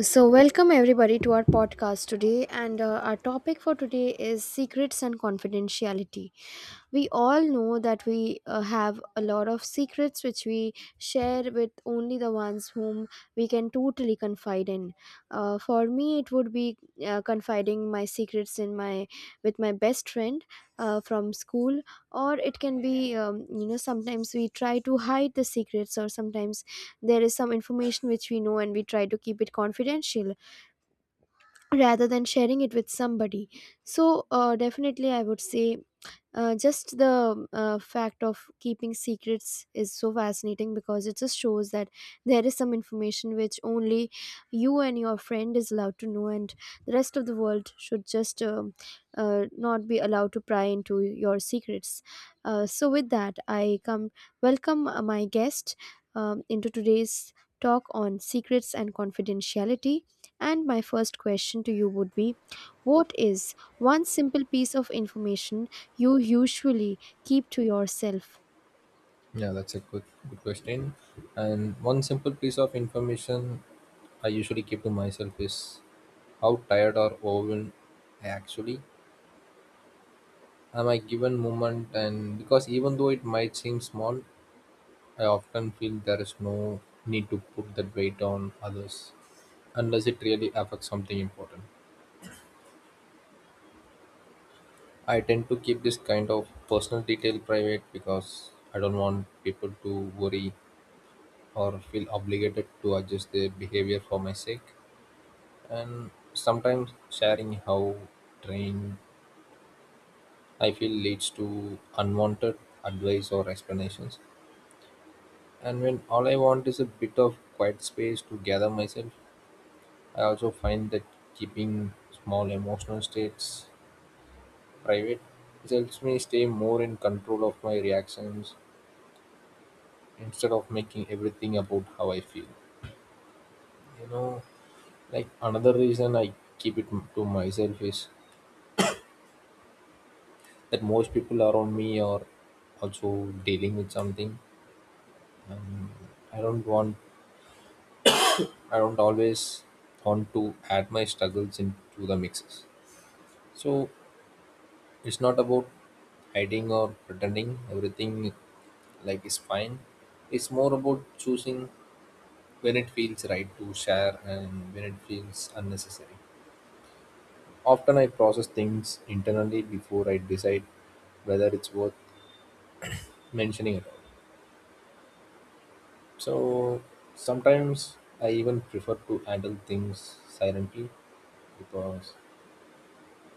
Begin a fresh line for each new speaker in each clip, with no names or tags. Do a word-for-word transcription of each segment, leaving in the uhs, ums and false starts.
So, welcome everybody to our podcast today. And uh, our topic for today is secrets and confidentiality. We all know that we uh, have a lot of secrets which we share with only the ones whom we can totally confide in. Uh, for me, it would be uh, confiding my secrets in my with my best friend uh, from school, or it can be um, you know sometimes we try to hide the secrets, or sometimes there is some information which we know and we try to keep it confidential rather than sharing it with somebody. So uh, definitely I would say uh, just the uh, fact of keeping secrets is so fascinating because it just shows that there is some information which only you and your friend is allowed to know, and the rest of the world should just um uh, not be allowed to pry into your secrets. Uh, so with that i come welcome uh, my guest um, into today's talk on secrets and confidentiality. And my first question to you would be, what is one simple piece of information you usually keep to yourself?
Yeah, that's a good good question. And one simple piece of information I usually keep to myself is how tired or overwhelmed I actually am I given moment and because even though it might seem small, I often feel there is no need to put that weight on others unless it really affects something important. I tend to keep this kind of personal detail private because I don't want people to worry or feel obligated to adjust their behavior for my sake. And sometimes sharing how trained I feel leads to unwanted advice or explanations. And when all I want is a bit of quiet space to gather myself, I also find that keeping small emotional states private it helps me stay more in control of my reactions instead of making everything about how I feel. You know, like another reason I keep it m- to myself is that most people around me are also dealing with something. Um, I don't want, I don't always want to add my struggles into the mixes. So it's not about hiding or pretending everything like is fine. It's more about choosing when it feels right to share and when it feels unnecessary. Often I process things internally before I decide whether it's worth mentioning at all. So sometimes I even prefer to handle things silently because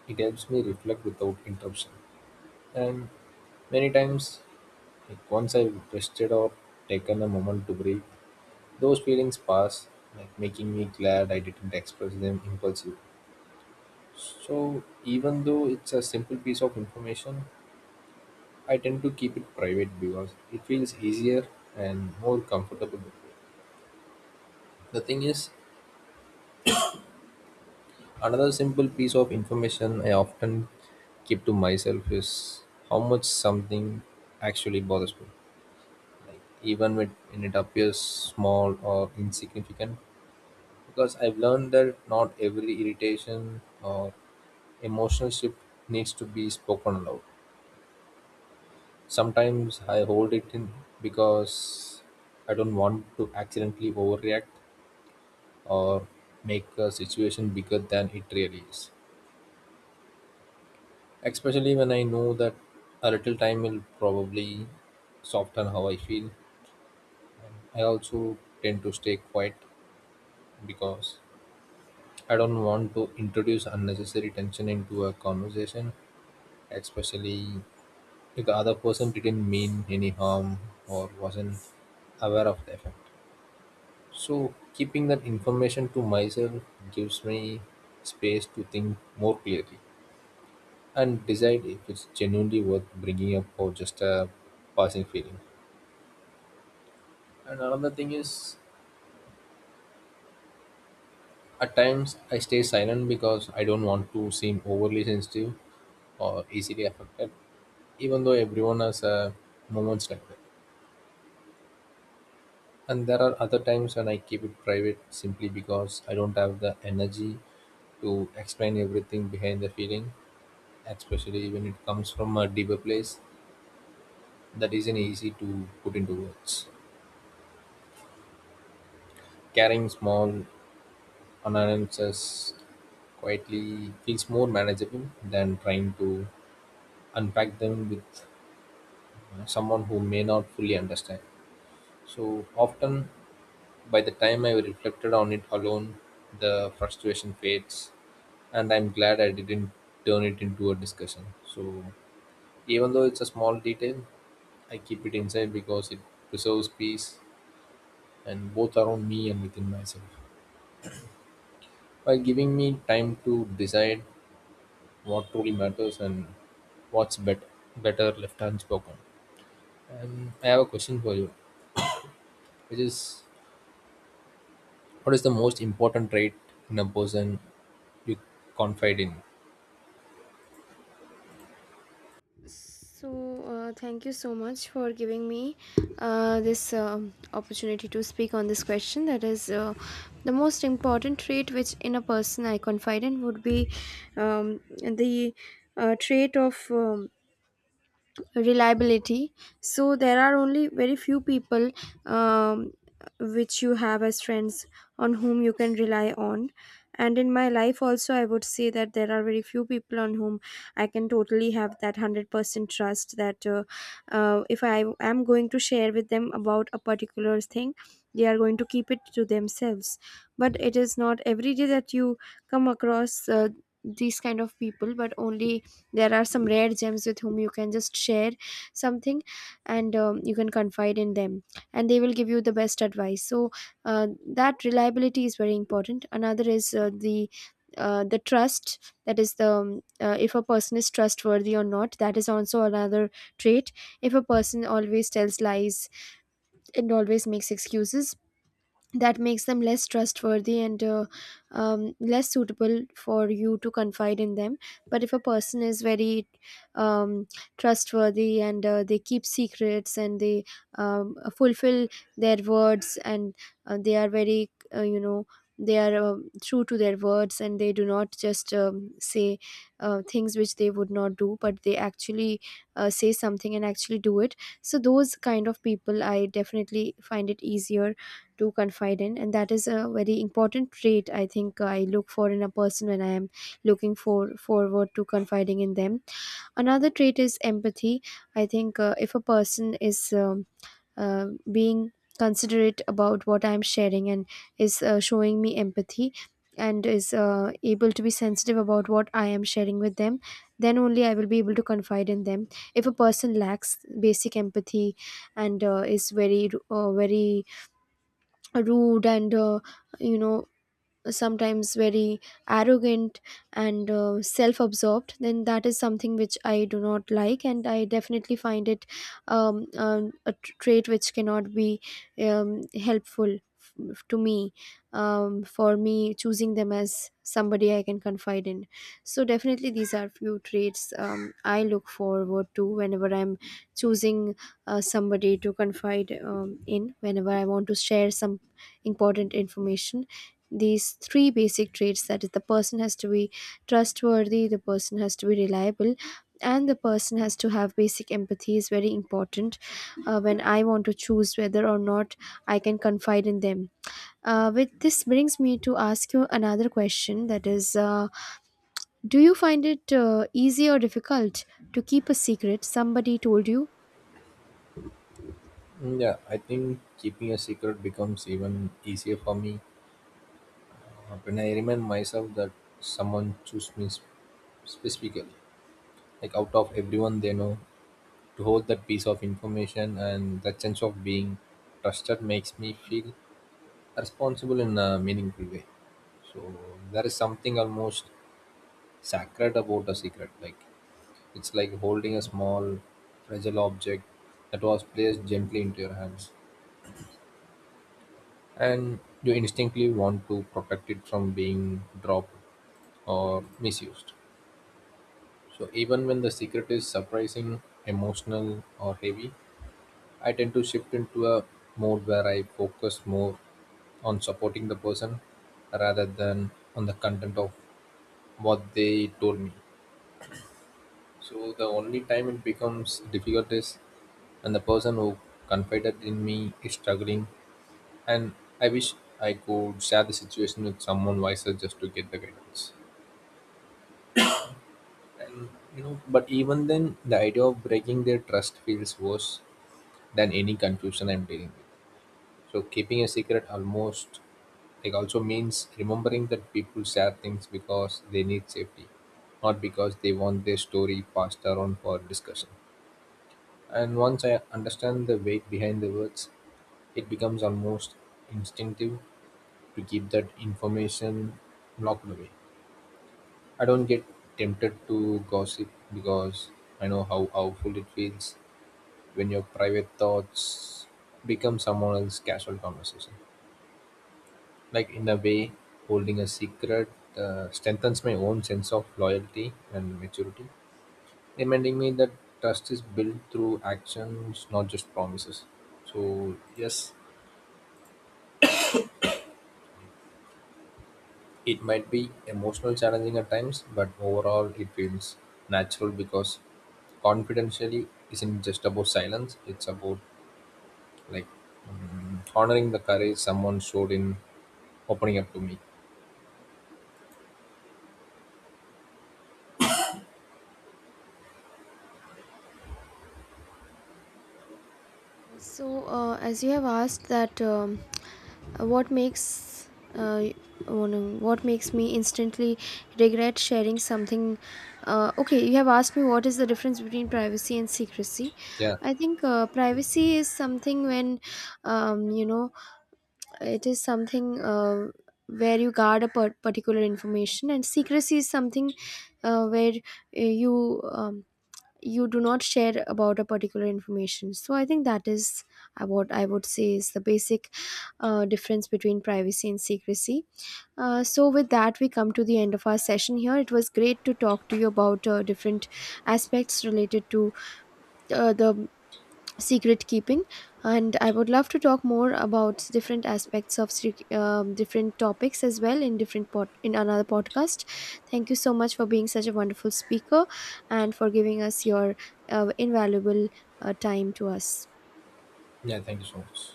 it helps me reflect without interruption. And many times, like once I've rested or taken a moment to breathe, those feelings pass, like making me glad I didn't express them impulsively. So even though it's a simple piece of information, I tend to keep it private because it feels easier and more comfortable that way. The thing is, another simple piece of information I often keep to myself is how much something actually bothers me, like even when when it appears small or insignificant, because I've learned that not every irritation or emotional shift needs to be spoken aloud. Sometimes I hold it in because I don't want to accidentally overreact or make a situation bigger than it really is, especially when I know that a little time will probably soften how I feel. I also tend to stay quiet because I don't want to introduce unnecessary tension into a conversation, especially if the other person didn't mean any harm or wasn't aware of the effect. So, keeping that information to myself gives me space to think more clearly and decide if it's genuinely worth bringing up or just a passing feeling. And another thing is, at times I stay silent because I don't want to seem overly sensitive or easily affected, even though everyone has uh, moments like that. And there are other times when I keep it private simply because I don't have the energy to explain everything behind the feeling, especially when it comes from a deeper place that isn't easy to put into words. Carrying small annoyances quietly feels more manageable than trying to unpack them with uh, someone who may not fully understand. So often, by the time I reflected on it alone, the frustration fades, and I'm glad I didn't turn it into a discussion. So, even though it's a small detail, I keep it inside because it preserves peace and both around me and within myself, while giving me time to decide what truly matters and what's better, better left unspoken. And I have a question for you, which is, what is the most important trait in a person you confide in?
So, uh, thank you so much for giving me uh, this um opportunity to speak on this question. That is, uh, the most important trait which in a person I confide in would be um, the uh, trait of um, reliability. So there are only very few people um, which you have as friends, on whom you can rely on. And in my life also, I would say that there are very few people on whom I can totally have that one hundred percent trust, that uh, uh, if I am going to share with them about a particular thing, they are going to keep it to themselves. But it is not every day that you come across uh, these kind of people, but only there are some rare gems with whom you can just share something and um, you can confide in them and they will give you the best advice. So uh, that reliability is very important. Another is uh, the uh, the trust, that is the um, uh, if a person is trustworthy or not, that is also another trait. If a person always tells lies and always makes excuses, that makes them less trustworthy and uh, um, less suitable for you to confide in them. But if a person is very um, trustworthy and uh, they keep secrets and they um, fulfill their words and uh, they are very uh, you know they are um true to their words and they do not just um, say uh, things which they would not do, but they actually uh, say something and actually do it. So those kind of people I definitely find it easier to confide in, and that is a very important trait I think uh, I look for in a person when I am looking for forward to confiding in them. Another trait is empathy. I think uh, if a person is um, uh, being considerate about what I'm sharing and is uh, showing me empathy and is uh, able to be sensitive about what I am sharing with them, then only I will be able to confide in them. If a person lacks basic empathy and uh, is very uh, very rude and, uh, you know, sometimes very arrogant and uh, self-absorbed, then that is something which I do not like, and I definitely find it um, um, a tr- trait which cannot be um, helpful f- to me um, for me choosing them as somebody I can confide in. So definitely these are few traits um, I look forward to whenever I'm choosing uh, somebody to confide um, in, whenever I want to share some important information. These three basic traits, that is the person has to be trustworthy, the person has to be reliable, and the person has to have basic empathy, is very important uh, when I want to choose whether or not I can confide in them. Uh, with this brings me to ask you another question, that is uh, do you find it uh, easy or difficult to keep a secret somebody told you?
Mm, yeah, I think keeping a secret becomes even easier for me uh, when I remind myself that someone chose me sp- specifically, like out of everyone they know, to hold that piece of information, and that sense of being trusted makes me feel responsible in a meaningful way. So there is something almost sacred about a secret. Like, it's like holding a small fragile object that was placed gently into your hands. And you instinctively want to protect it from being dropped or misused. So even when the secret is surprising, emotional, or heavy, I tend to shift into a mode where I focus more on supporting the person rather than on the content of what they told me. So the only time it becomes difficult is when the person who confided in me is struggling, and I wish I could share the situation with someone wiser just to get the guidance. And, you know, but even then, the idea of breaking their trust feels worse than any confusion I'm dealing with. So keeping a secret almost like also means remembering that people share things because they need safety, not because they want their story passed around for discussion. And once I understand the weight behind the words, it becomes almost instinctive to keep that information locked away. I don't get tempted to gossip because I know how powerful it feels when your private thoughts become someone else's casual conversation. Like, in a way, holding a secret uh, strengthens my own sense of loyalty and maturity, reminding me that trust is built through actions, not just promises. So yes, it might be emotional challenging at times, but overall it feels natural because confidentially isn't just about silence; it's about, like, mm, honoring the courage someone showed in opening up to me.
Yes. So, uh, as you have asked that, um, what makes uh, one- what makes me instantly regret sharing something? Uh, okay, you have asked me what is the difference between privacy and secrecy.
Yeah.
I think uh, privacy is something when, um, you know, it is something uh, where you guard a par- particular information, and secrecy is something uh, where uh, you um, you do not share about a particular information. So I think that is uh, what I would say is the basic uh, difference between privacy and secrecy. Uh, so with that we come to the end of our session. Here it was great to talk to you about uh, different aspects related to uh, the secret keeping, and I would love to talk more about different aspects of sec- um, different topics as well in different pod in another podcast. Thank you so much for being such a wonderful speaker, and for giving us your uh, invaluable uh, time to us.
Yeah. Thank you so much.